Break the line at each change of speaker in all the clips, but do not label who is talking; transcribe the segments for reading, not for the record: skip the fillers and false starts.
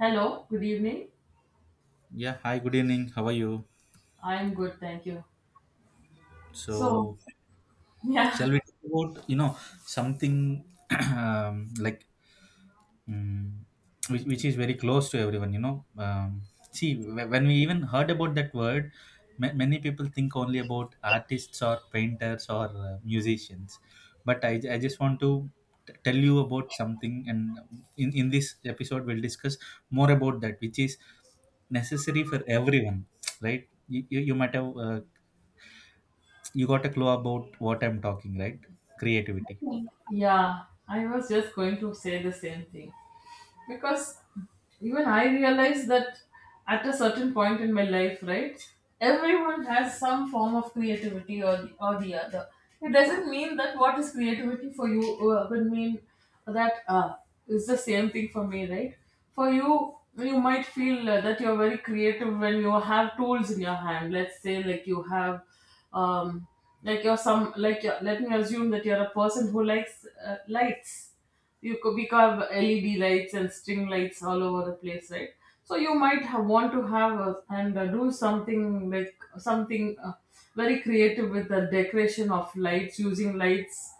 Hello, good evening.
Yeah, hi, good evening. How are you?
I'm good, thank you. So,
So,
yeah,
shall we talk about, something um, like um, which is very close to everyone, see, when we even heard about that word, many people think only about artists or painters or musicians. But I just want to tell you about something, and in this episode, we'll discuss more about that, which is necessary for everyone, right? You might have you got a clue about what I'm talking, right? Creativity.
yeah, I was just going to say the same thing. Because even I realize that at a certain point in my life, right, everyone has some form of creativity or the other. It doesn't mean that what is creativity for you would mean that it's the same thing for me, right? For you, you might feel that you're very creative when you have tools in your hand. Let's say, like you have, um, like you're some, like you're, let me assume that you're a person who likes lights. You could because of LED lights and string lights all over the place, right? So you might have, want to have a, and do something like something very creative with the decoration of lights, using lights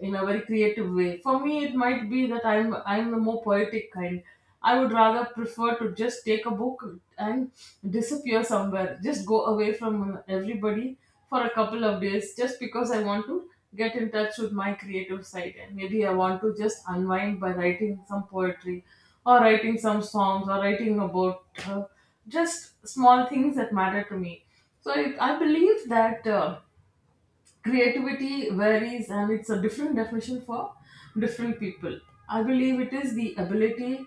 in a very creative way. For me, it might be that I'm the more poetic kind. I would rather prefer to just take a book and disappear somewhere, just go away from everybody for a couple of days, just because I want to get in touch with my creative side, and maybe I want to just unwind by writing some poetry or writing some songs or writing about just small things that matter to me. So I believe that creativity varies and it's a different definition for different people. I believe it is the ability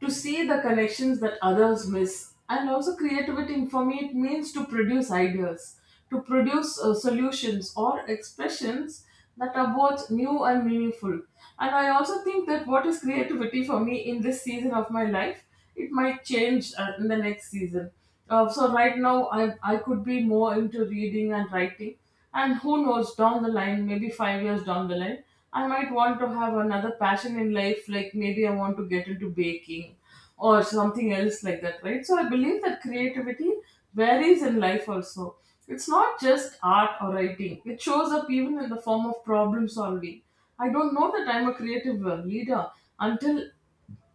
to see the connections that others miss, and also, creativity for me, it means to produce ideas, to produce solutions or expressions that are both new and meaningful. And I also think that what is creativity for me in this season of my life, it might change in the next season. So right now, I could be more into reading and writing, and who knows, down the line, maybe 5 years down the line, I might want to have another passion in life. Like maybe I want to get into baking or something else like that, right? So I believe that creativity varies in life also. It's not just art or writing. It shows up even in the form of problem solving. I don't know that I'm a creative leader until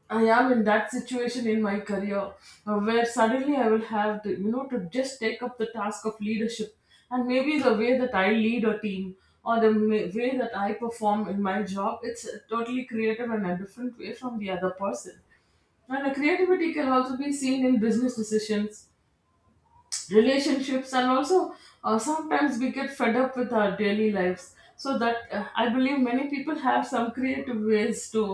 I am in that situation in my career where suddenly I will have to, to just take up the task of leadership. And maybe the way that I lead a team or the way that I perform in my job, it's a totally creative and a different way from the other person. And the creativity can also be seen in business decisions, relationships, and also, sometimes we get fed up with our daily lives, so that I believe many people have some creative ways to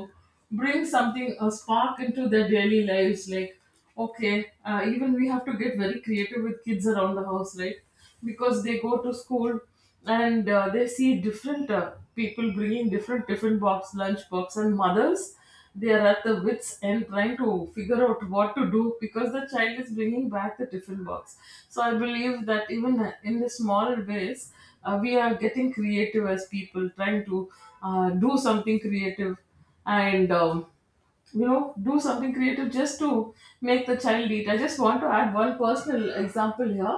bring something, a spark, into their daily lives. Like, okay, even we have to get very creative with kids around the house, right? Because they go to school, and they see different people bringing different box, lunch box, and mothers, they are at the wits end, trying to figure out what to do, because the child is bringing back the tiffin box. So I believe that even in the small ways, we are getting creative as people, trying to do something creative, and you know do something creative just to make the child eat. I just want to add one personal example here.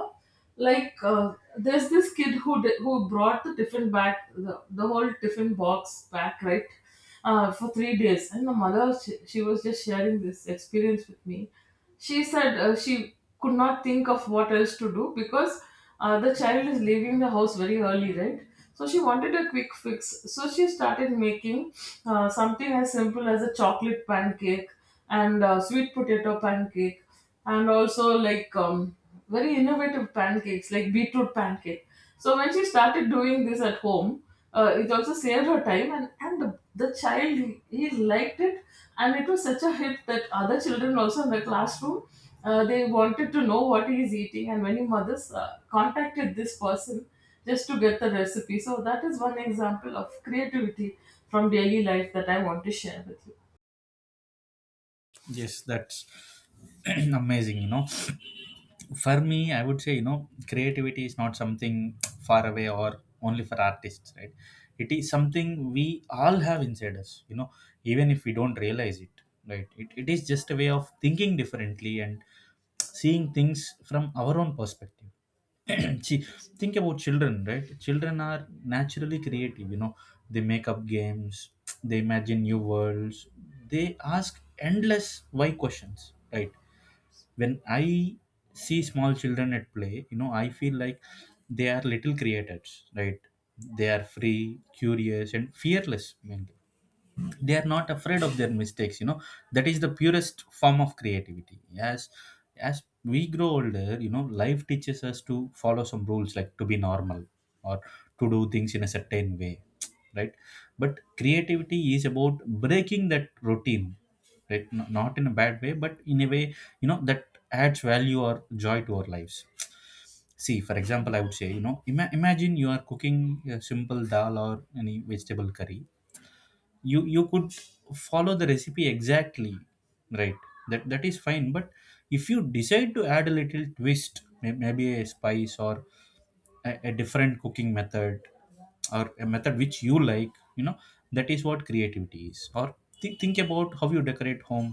Like, there's this kid who brought the tiffin back, the, the whole tiffin box back, right? For 3 days. And the mother, she was just sharing this experience with me. She said, she could not think of what else to do, because the child is leaving the house very early, right? So she wanted a quick fix. So she started making something as simple as a chocolate pancake and sweet potato pancake, and also, like, very innovative pancakes, like beetroot pancake. So when she started doing this at home, it also saved her time, and the child, he liked it. And it was such a hit that other children also in the classroom, they wanted to know what he is eating, and many mothers contacted this person just to get the recipe. So that is one example of creativity from daily life that I want to share with you.
Yes, that's amazing, for me, I would say, creativity is not something far away or only for artists, right? It is something we all have inside us, even if we don't realize it, right? It is just a way of thinking differently and seeing things from our own perspective. See, think about children, right? Children are naturally creative, you know. They make up games, they imagine new worlds, they ask endless why questions, right? When I see small children at play, you know, I feel like they are little creators, right? They are free, curious, and fearless. Mainly, they are not afraid of their mistakes, that is the purest form of creativity. As we grow older, you know, life teaches us to follow some rules, like to be normal or to do things in a certain way, right? But creativity is about breaking that routine, right? Not in a bad way, but in a way, you know, that adds value or joy to our lives. See, for example, I would say, you know, imagine you are cooking a simple dal or any vegetable curry. You could follow the recipe exactly, right? That is fine. But if you decide to add a little twist, maybe a spice or a different cooking method, or a method which you like, you know, that is what creativity is. Or think about how you decorate home,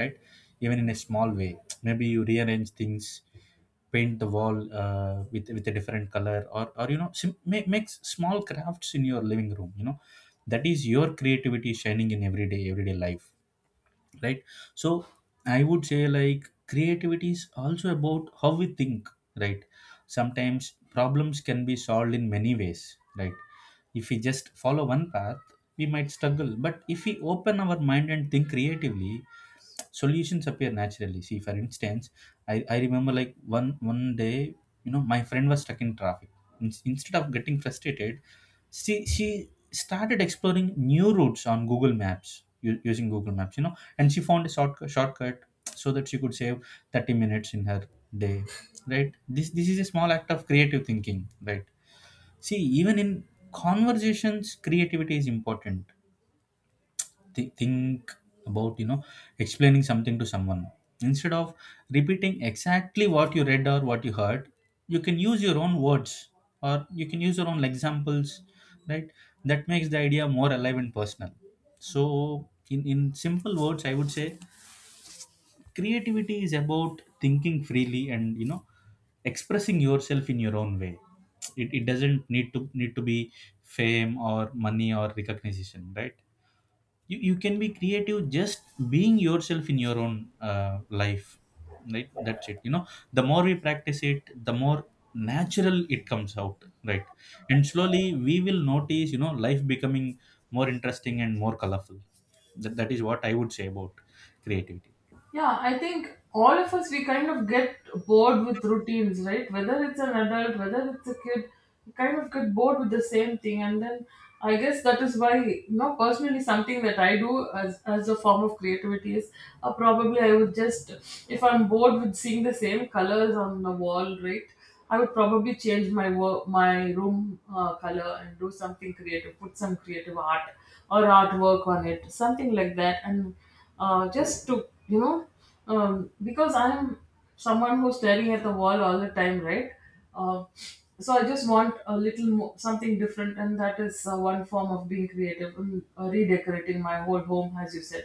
right? Even in a small way, maybe you rearrange things, paint the wall with a different color, or you know, makes small crafts in your living room, you know, that is your creativity shining in everyday life, right? So I would say, like, creativity is also about how we think, right? Sometimes problems can be solved in many ways, right? If we just follow one path, we might struggle, but if we open our mind and think creatively, solutions appear naturally. See, for instance, I remember, like, one day, you know, my friend was stuck in traffic. Instead of getting frustrated, she started exploring new routes on Google Maps, using Google Maps, you know, and she found a shortcut so that she could save 30 minutes in her day, right? This is a small act of creative thinking, right? See, even in conversations, creativity is important. Think about, you know, explaining something to someone. Instead of repeating exactly what you read or what you heard, you can use your own words, or you can use your own examples, right? That makes the idea more alive and personal. So, in simple words, I would say creativity is about thinking freely, and, you know, expressing yourself in your own way. It doesn't need to be fame or money or recognition, right? You can be creative just being yourself in your own life, right? That's it, you know. The more we practice it, the more natural it comes out, right? And slowly we will notice, you know, life becoming more interesting and more colorful. That is what I would say about creativity.
Yeah, I think all of us, we kind of get bored with routines, right? Whether it's an adult, whether it's a kid, we kind of get bored with the same thing. And then I guess that is why, you know, personally, something that I do as a form of creativity is, probably I would just, if I'm bored with seeing the same colors on the wall, right? I would probably change my work, my room color, and do something creative, put some creative art or artwork on it, something like that. And just to, you know, because I'm someone who's staring at the wall all the time, right? uh, so I just want a little more, something different. And that is, one form of being creative. And redecorating my whole home, as you said,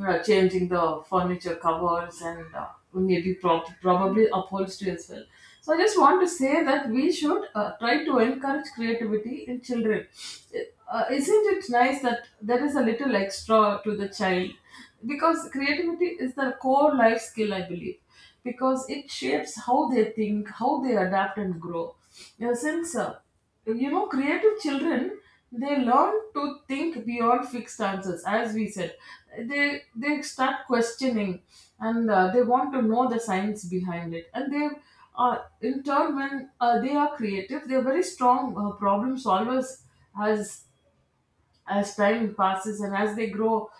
changing the furniture covers, and maybe probably upholstery as well. So I just want to say that we should try to encourage creativity in children. Isn't it nice that there is a little extra to the child? Because creativity is their core life skill, I believe, because it shapes how they think, how they adapt and grow. You know, since, creative children, they learn to think beyond fixed answers. As we said, they start questioning, and they want to know the science behind it, and they are, in turn, when they are creative, they're very strong problem solvers. As as time passes and as they grow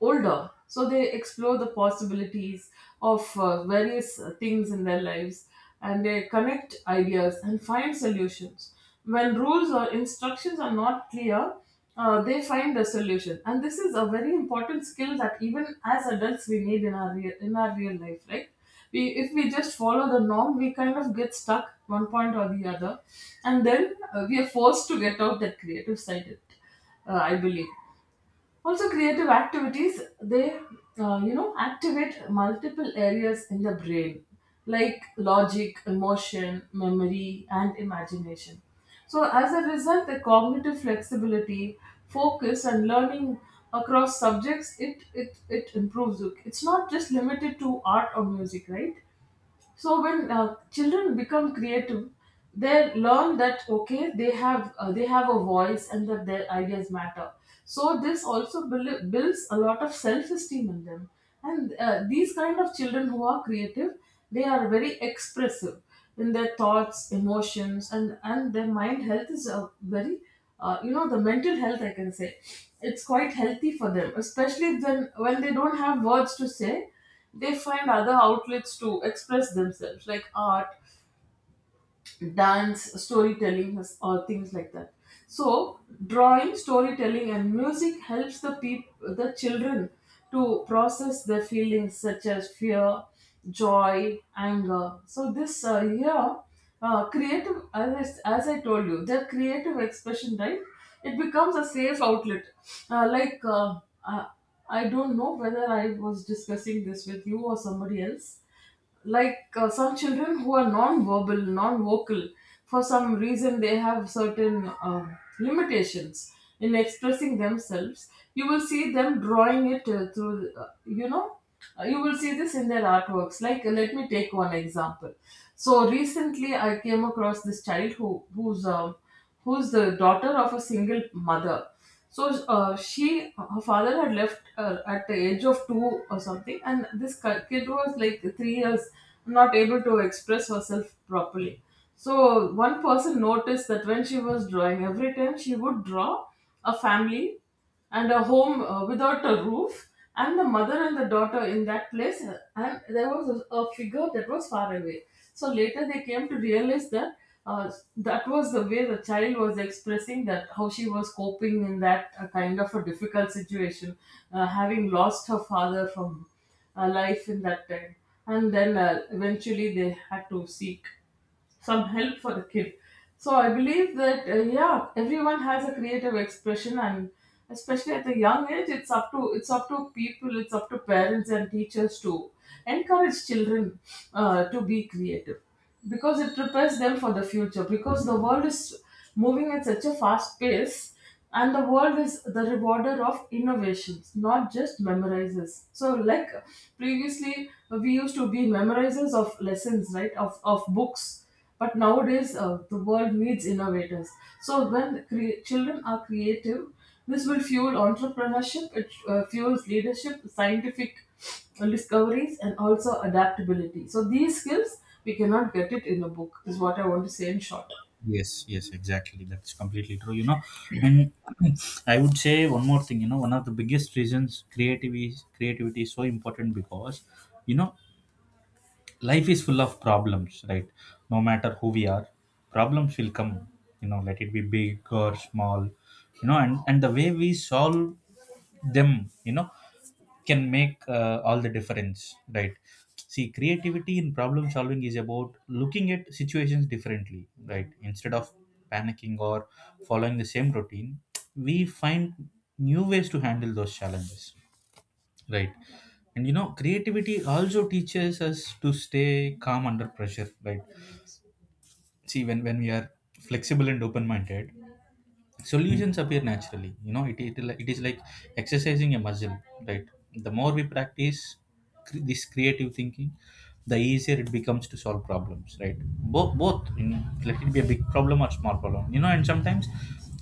older, so they explore the possibilities of various things in their lives, and they connect ideas and find solutions when rules or instructions are not clear. They find a solution, and this is a very important skill that even as adults we need in our real, life, right? We if we just follow the norm, we kind of get stuck one point or the other. And then we are forced to get out that creative side, I believe. Also, creative activities, they, activate multiple areas in the brain, like logic, emotion, memory, and imagination. So, as a result, the cognitive flexibility, focus, and learning across subjects, it improves. It's not just limited to art or music, right? So when children become creative, they learn that, okay, they have a voice, and that their ideas matter. So this also builds a lot of self-esteem in them. And these kind of children who are creative, they are very expressive in their thoughts, emotions, and their mind health is a very, the mental health, I can say, it's quite healthy for them, especially when they don't have words to say. They find other outlets to express themselves, like art, dance, storytelling, or things like that. So, drawing, storytelling, and music helps the children to process their feelings, such as fear, joy, anger. So, this, here, creative, as I told you, their creative expression, right? It becomes a safe outlet. Like, uh, I don't know whether I was discussing this with you or somebody else. Like, some children who are non-verbal, non-vocal for some reason, they have certain limitations in expressing themselves. You will see them drawing it, through, you will see this in their artworks. Like, let me take one example. So recently I came across this child who's the daughter of a single mother. So, her father had left, at the age of 2 or something, and this kid was like 3 years, not able to express herself properly. So one person noticed that when she was drawing, every time she would draw a family and a home, without a roof, and the mother and the daughter in that place, and there was a figure that was far away. So later they came to realize that, uh, that was the way the child was expressing that, how she was coping in that, kind of a difficult situation, having lost her father from, life, in that time. And then eventually they had to seek some help for the kid. So I believe that yeah, everyone has a creative expression, and especially at the young age, it's up to people, it's up to parents and teachers to encourage children to be creative because it prepares them for the future. Because the world is moving at such a fast pace, and the world is the rewarder of innovations, not just memorizers. So like previously we used to be memorizers of lessons, right, of books, but nowadays the world needs innovators. So when children are creative, this will fuel entrepreneurship, it fuels leadership, scientific discoveries, and also adaptability. So these skills we cannot get it in a book is what I want to say in short.
Yes, yes, exactly, that's completely true, you know. And I would say one more thing, you know, one of the biggest reasons creativity is so important because, you know, life is full of problems, right? No matter who we are, problems will come, you know, let it be big or small, you know, and the way we solve them, you know, can make all the difference, right? See, creativity in problem solving is about looking at situations differently, right? Instead of panicking or following the same routine, we find new ways to handle those challenges. Right. And you know, creativity also teaches us to stay calm under pressure, right? See, when we are flexible and open minded, solutions appear naturally, you know, it is like exercising a muscle, right? The more we practice this creative thinking, the easier it becomes to solve problems, right? Both, you know, let it be a big problem or small problem, you know. And sometimes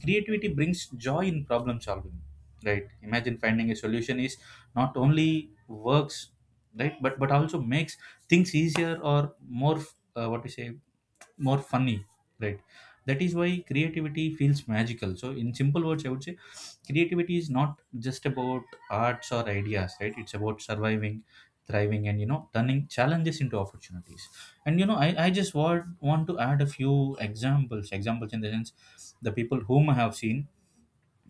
creativity brings joy in problem solving, right? Imagine finding a solution is not only works, right, but also makes things easier or more what we say more funny, right? That is why creativity feels magical. So, in simple words, I would say creativity is not just about arts or ideas, right? It's about surviving, thriving, and, you know, turning challenges into opportunities. And you know, I just want to add a few examples, in the sense the people whom I have seen,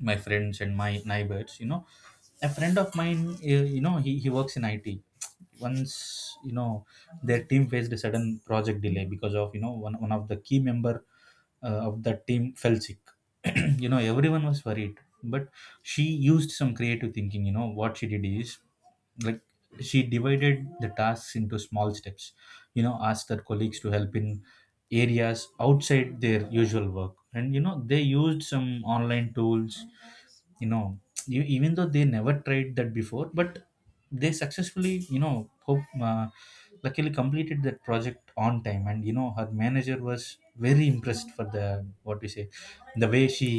my friends and my neighbors, you know. A friend of mine, you know, he works in IT. Once, you know, their team faced a sudden project delay because of, you know, one of the key member of the team fell sick. You know, everyone was worried, but she used some creative thinking. You know what she did is, like, she divided the tasks into small steps, you know, asked her colleagues to help in areas outside their usual work, and, you know, they used some online tools, you know, even though they never tried that before, but they successfully, you know, luckily completed that project on time. And you know, her manager was very impressed for the what we say the way she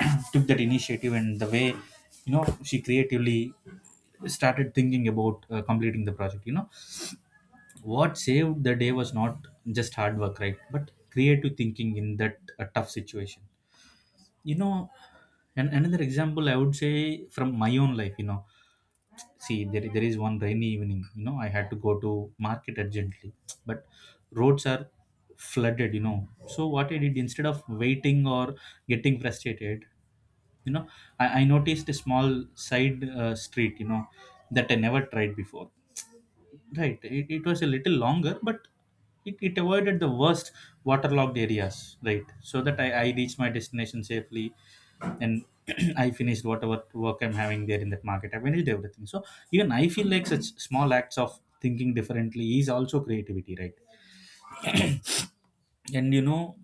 took that initiative, and the way, you know, she creatively started thinking about completing the project, you know. What saved the day was not just hard work, right, but creative thinking in that tough situation, you know. And another example I would say from my own life, you know. See, there is one rainy evening, you know, I had to go to market urgently, but roads are flooded, you know. So what I did, instead of waiting or getting frustrated, you know, I noticed a small side street, you know, that I never tried before. Right. It was a little longer, but it avoided the worst waterlogged areas, right? So that I reached my destination safely and I finished whatever work I'm having there in that market. I finished everything. So even I feel like such small acts of thinking differently is also creativity, right? And you know,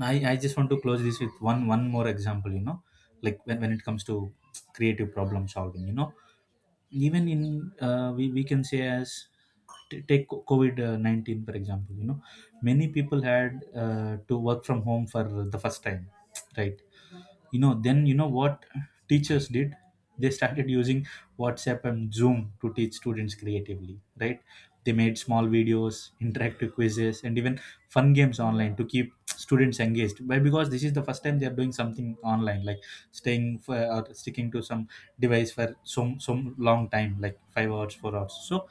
I just want to close this with one more example, you know, like when it comes to creative problem solving, you know, even in we can say as take covid-19 for example, you know, many people had to work from home for the first time, right? You know, then you know what teachers did, they started using WhatsApp and Zoom to teach students creatively, right? They made small videos, interactive quizzes, and even fun games online to keep students engaged. Why? Because this is the first time they are doing something online, like staying for or sticking to some device for some long time, like 5 hours, 4 hours. So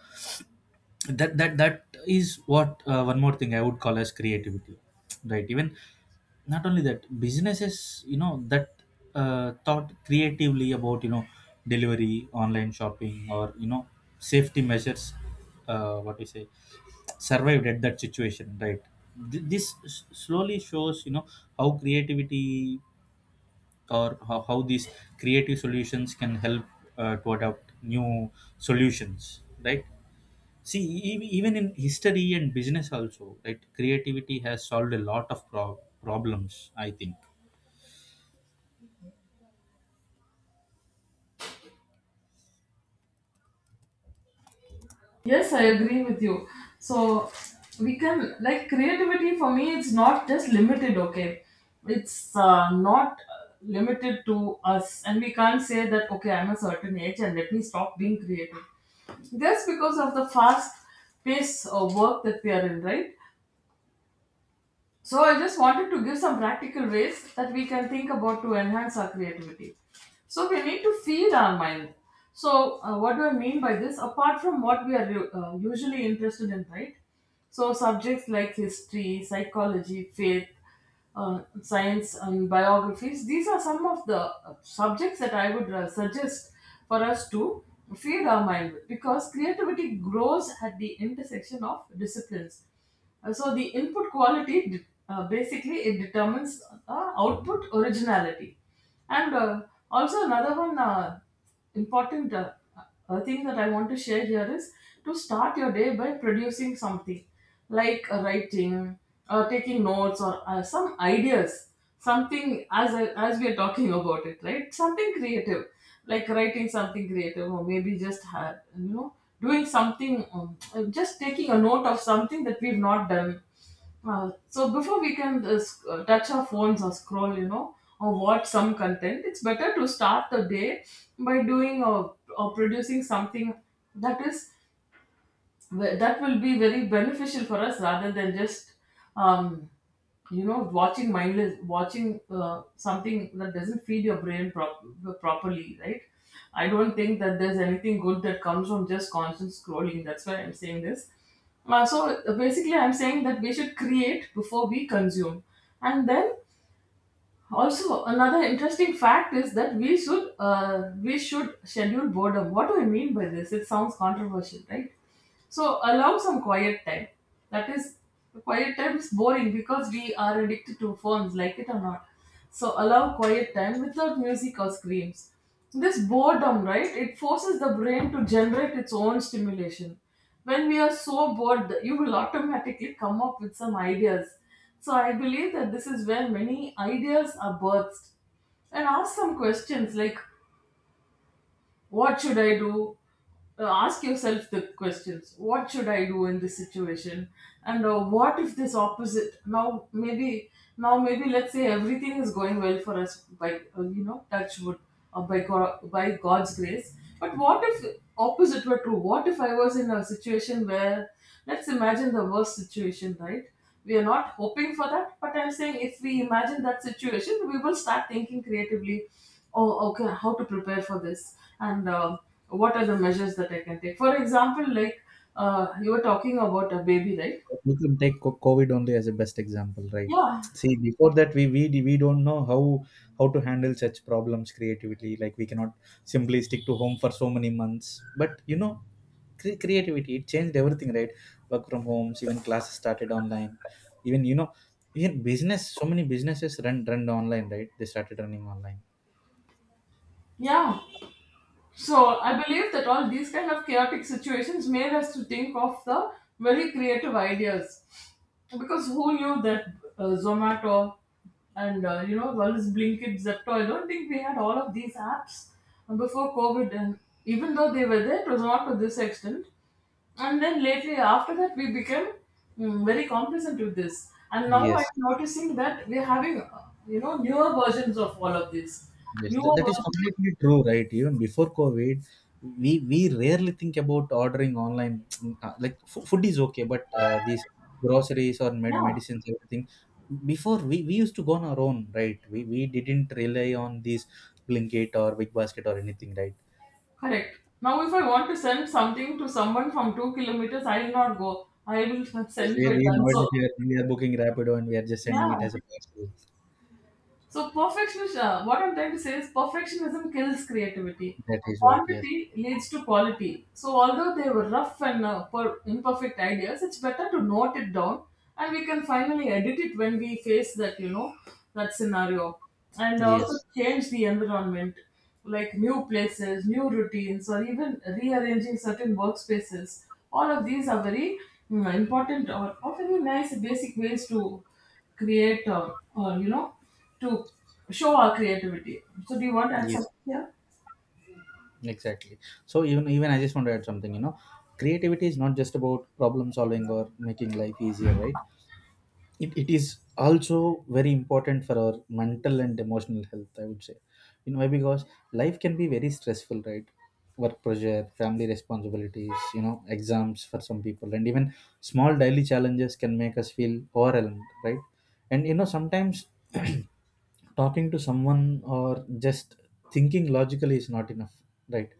that is what, one more thing I would call as creativity, right? Even not only that, businesses, you know, that thought creatively about, you know, delivery, online shopping, or, you know, safety measures, what we say survived at that situation, right? This slowly shows, you know, how creativity, or how these creative solutions can help to adopt new solutions, right? See, even in history and business also, right, creativity has solved a lot of problems, I think
Yes, I agree with you. So we can like creativity for me. It's not just limited. Okay, it's not limited to us, and we can't say that okay, I'm a certain age and let me stop being creative. Just because of the fast pace of work that we are in, right? So I just wanted to give some practical ways that we can think about to enhance our creativity. So we need to feed our mind. So what do I mean by this? Apart from what we are usually interested in, right? So subjects like history, psychology, faith, science, and biographies. These are some of the subjects that I would suggest for us to feed our mind with, because creativity grows at the intersection of disciplines. So the input quality basically it determines output originality, and also another one important thing that I want to share here is to start your day by producing something, like writing or taking notes or some ideas, something as as we are talking about it, right, something creative, like writing something creative, or maybe just you know, doing something, just taking a note of something that we've not done. So before we can touch our phones or scroll, you know, or watch some content, it's better to start the day by doing or producing something that is that will be very beneficial for us, rather than just um, you know, watching mindless watching something that doesn't feed your brain properly, right? I don't think that there's anything good that comes from just constant scrolling. That's why I'm saying this. So basically I'm saying that we should create before we consume. And then also, another interesting fact is that we should schedule boredom. What do I mean by this? It sounds controversial, right? So allow some quiet time. That is, quiet time is boring because we are addicted to phones, like it or not. So allow quiet time without music or screams. This boredom, right? It forces the brain to generate its own stimulation. When we are so bored, you will automatically come up with some ideas, so I believe that this is where many ideas are birthed. And ask some questions like, what should I do? Ask yourself the questions. What should I do in this situation? And what if this opposite? Now maybe let's say everything is going well for us by you know, touch wood, or by God, by God's grace. But what if opposite were true? What if I was in a situation where, let's imagine the worst situation, right? We are not hoping for that, but I'm saying if we imagine that situation, we will start thinking creatively. Oh okay, how to prepare for this, and what are the measures that I can take, for example, like you were talking about a baby, right?
we can take covid only as a best example, right?
Yeah.
See, before that, we don't know how to handle such problems creatively, like we cannot simply stick to home for so many months. But you know, creativity, it changed everything, right? Work from homes, even classes started online, even, you know, even business, so many businesses run online, right, they started running online.
Yeah. So I believe that all these kind of chaotic situations made us to think of the very creative ideas, because who knew that Zomato and you know, all this Blinkit, Zepto. I don't think we had all of these apps before COVID, and even though they were there, it was not to this extent. And then lately, after that, we became, mm, very complacent with this. And now
Yes.
I'm noticing that we're having, you know, newer versions of all of this.
Yes, that,
Newer
that is
versions. Of,
completely true, right? Even before COVID, we rarely think about ordering online. Like fo- food is okay, but these groceries or
yeah.
medicines, everything. Before we used to go on our own, right? We didn't rely on these Blinkit or Big Basket or anything, right?
Correct. Now, if I want to send something to someone from 2 kilometers, I will not go. I will
Yes,
send by
we
Dunzo.
nowadays we are booking Rapido and we are just sending it
Yeah.
as a parcel.
So perfectionism, what I'm trying to say is perfectionism kills creativity.
That is what. Yes.
Quantity leads to quality. So although they were rough and imperfect ideas, it's better to note it down and we can finally edit it when we face that, you know, that scenario. And also
Yes.
change the environment, like new places, new routines, or even rearranging certain workspaces. All of these are very, mm, important or very nice basic ways to create or you know, to show our creativity. So do you want to add
Yes.
something here?
Exactly. So even I just want to add something, you know, creativity is not just about problem solving or making life easier, right? It is also very important for our mental and emotional health, I would say. You know why? Because life can be very stressful, right? Work pressure, family responsibilities, you know, exams for some people, and even small daily challenges can make us feel overwhelmed, right? And you know, sometimes talking to someone or just thinking logically is not enough, right?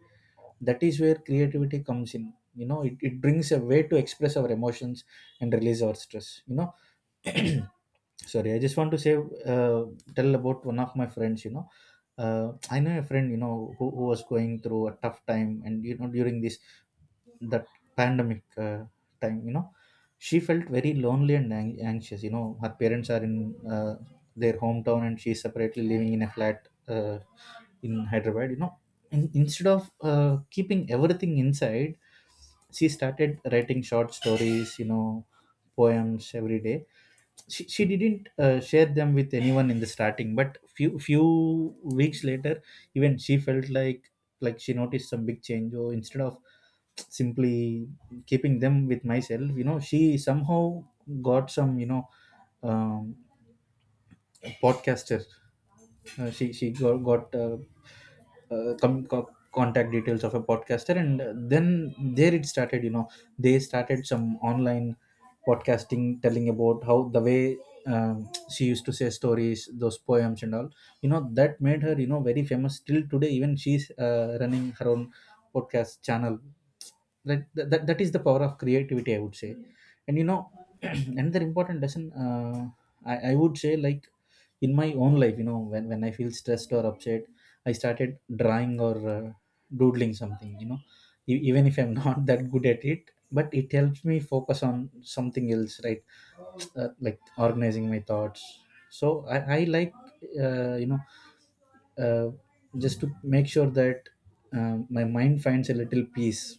That is where creativity comes in. You know, it brings a way to express our emotions and release our stress, you know. Sorry, I just want to say, uh, tell about one of my friends, you know. Uh, i know a friend, you know, who was going through a tough time, and you know, during this that pandemic time, you know, she felt very lonely and anxious. You know, her parents are in uh, their hometown, and she's separately living in a flat uh, in Hyderabad, you know. Instead of keeping everything inside, she started writing short stories, you know, poems every day. She didn't share them with anyone in the starting, but few weeks later, even she felt like she noticed some big change. Or instead of simply keeping them with myself, you know, she somehow got some, you know, um, podcaster. She got contact details of a podcaster, and then there it started. You know, they started some online podcasting, telling about how the way she used to say stories, those poems, and all. You know, that made her, you know, very famous till today. Even she's running her own podcast channel. That is the power of creativity, I would say. And you know, another important lesson, I would say, like, in my own life, you know, when I feel stressed or upset, I started drawing or doodling something, you know. Even if I'm not that good at it, but it helps me focus on something else, right? Like organizing my thoughts. So I like uh, you know uh, just to make sure that my mind finds a little peace.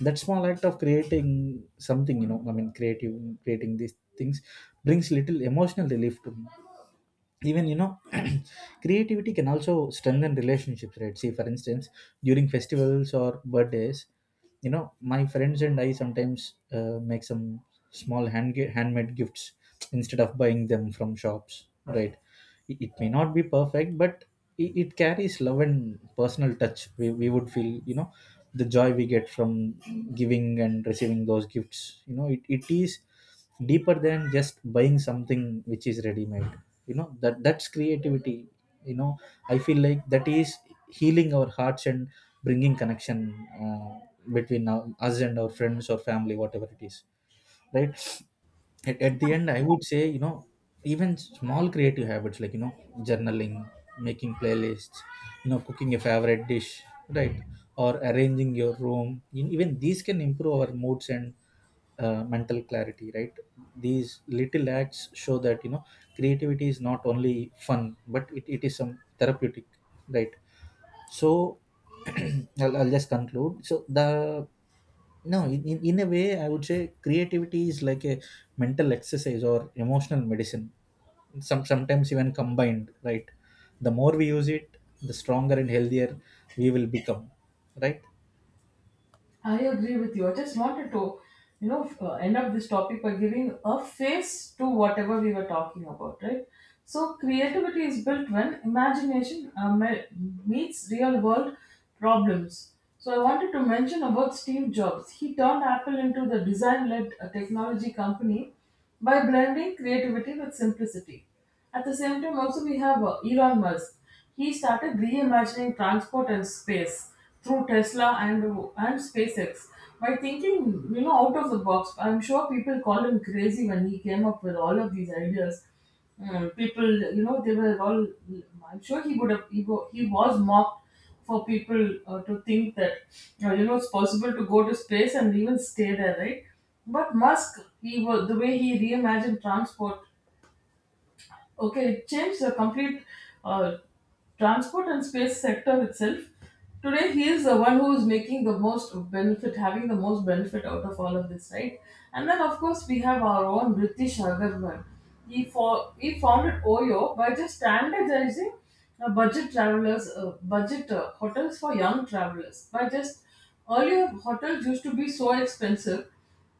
That small act of creating something, you know, I mean creative creating these things brings little emotional relief to me. Even, you know, creativity can also strengthen relationships, right? See, for instance, during festivals or birthdays, you know, my friends and I sometimes make some handmade gifts instead of buying them from shops, right? It may not be perfect, but it carries love and personal touch. We would feel, you know, the joy we get from giving and receiving those gifts. You know, it is deeper than just buying something which is ready made. You know, that that's creativity. You know, I feel like that is healing our hearts and bringing connection uh, between us and our friends or family, whatever it is, right? At the end, I would say, you know, even small creative habits, like, you know, journaling, making playlists, you know, cooking a favorite dish, right? Or arranging your room even these can improve our moods and mental clarity, right? These little acts show that, you know, creativity is not only fun, but it is some therapeutic, right? So I'll just conclude. So the no in, in a way, I would say creativity is like a mental exercise or emotional medicine, sometimes even combined, right? The more we use it, the stronger and healthier we will become, right?
I agree with you. I just wanted to, you know, end up this topic by giving a face to whatever we were talking about, right? So creativity is built when imagination meets real world problems. So I wanted to mention about Steve Jobs. He turned Apple into the design led technology company by blending creativity with simplicity. At the same time, also we have Elon Musk. He started reimagining transport and space through Tesla and SpaceX by thinking, you know, out of the box. I'm sure people called him crazy when he came up with all of these ideas. Mm, people, you know, they were all. I'm sure he would have. He, he was mocked for people to think that, you know, it's possible to go to space and even stay there, right? But Musk, he was the way he reimagined transport. Okay, it changed the complete uh, transport and space sector itself. Today, he is the one who is making the most benefit, having the most benefit out of all of this, right? And then, of course, we have our own British Agarwal. He, for, he founded OYO by just standardizing budget hotels for young travelers. By just, earlier, hotels used to be so expensive,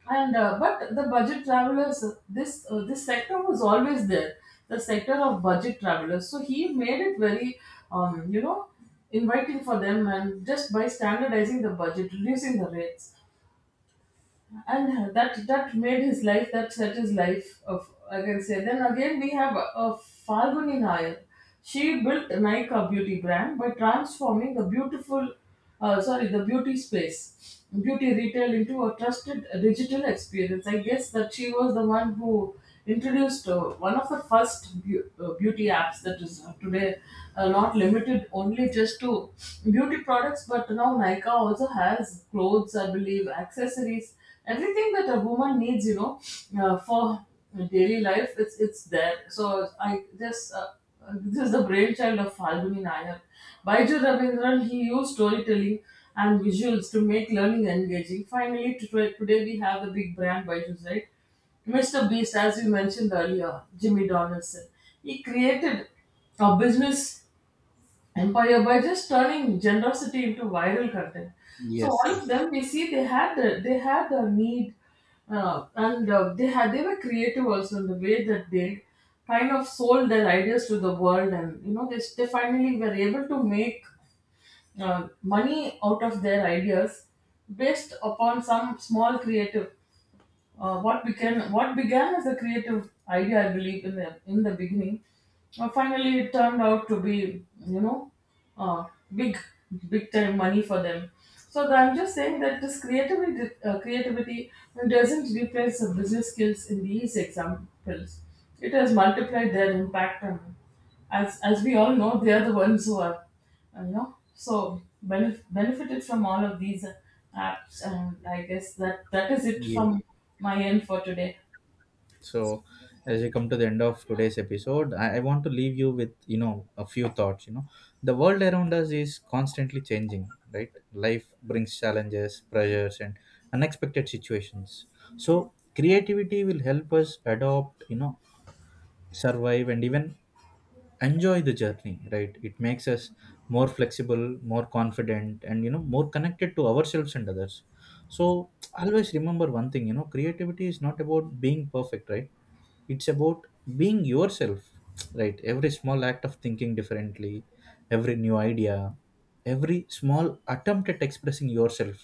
and but the budget travelers, this sector was always there, the sector of budget travelers. So he made it very, you know, inviting for them, and just by standardizing the budget, reducing the rates, and that that made his life, that set his life of, I can say. Then again we have a Falguni Nair. She built Nykaa beauty brand by transforming the beautiful sorry, the beauty space, beauty retail into a trusted digital experience. I guess that she was the one who introduced one of the first beauty apps that is today not limited only just to beauty products, but now Nykaa also has clothes, I believe, accessories, everything that a woman needs, you know, for daily life. It's there. So I just this is the brainchild of Falguni Nayar. Baiju Ravindran, he used storytelling and visuals to make learning engaging. Finally, today we have the big brand Baiju's, right? Mr. Beast, as we mentioned earlier, Jimmy Donaldson, he created a business, and by just turning generosity into viral content. So
Yes,
all of
yes,
them, we see they had they had the need, and they had, they were creative also in the way that they kind of sold their ideas to the world, and you know they finally were able to make money out of their ideas, based upon some small creative what began, what began as a creative idea, I believe, in the beginning, finally it turned out to be, you know, uh, big, big time money for them. So I'm just saying that this creativity doesn't replace the business skills in these examples. It has multiplied their impact on, as we all know, they are the ones who are, you know, so benefited from all of these apps, and I guess that that is it
yes.
from my end for today.
So as we come to the end of today's episode, I want to leave you with, you know, a few thoughts. You know, the world around us is constantly changing, right? Life brings challenges, pressures, and unexpected situations. So creativity will help us adopt, you know, survive, and even enjoy the journey, right? It makes us more flexible, more confident, and you know, more connected to ourselves and others. So always remember one thing: you know, creativity is not about being perfect, right? It's about being yourself, right? Every small act of thinking differently, every new idea, every small attempt at expressing yourself,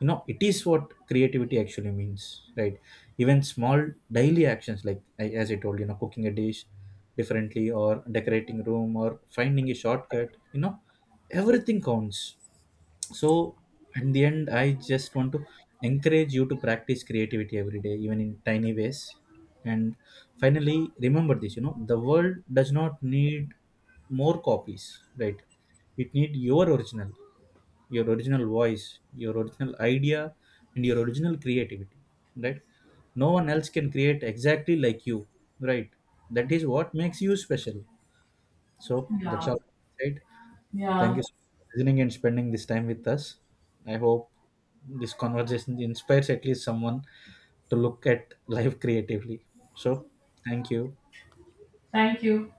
you know, it is what creativity actually means, right? Even small daily actions, like, as I told you, know, cooking a dish differently, or decorating room, or finding a shortcut, you know, everything counts. So in the end, I just want to encourage you to practice creativity every day, even in tiny ways. And finally, remember this: you know, the world does not need more copies, right? It need your original voice, your original idea, and your original creativity, right? No one else can create exactly like you, right? That is what makes you special. So
Yeah,
that's all, right? Thank
yeah.
you so much for listening and spending this time with us. I hope this conversation inspires at least someone to look at life creatively. So, thank you.
Thank you.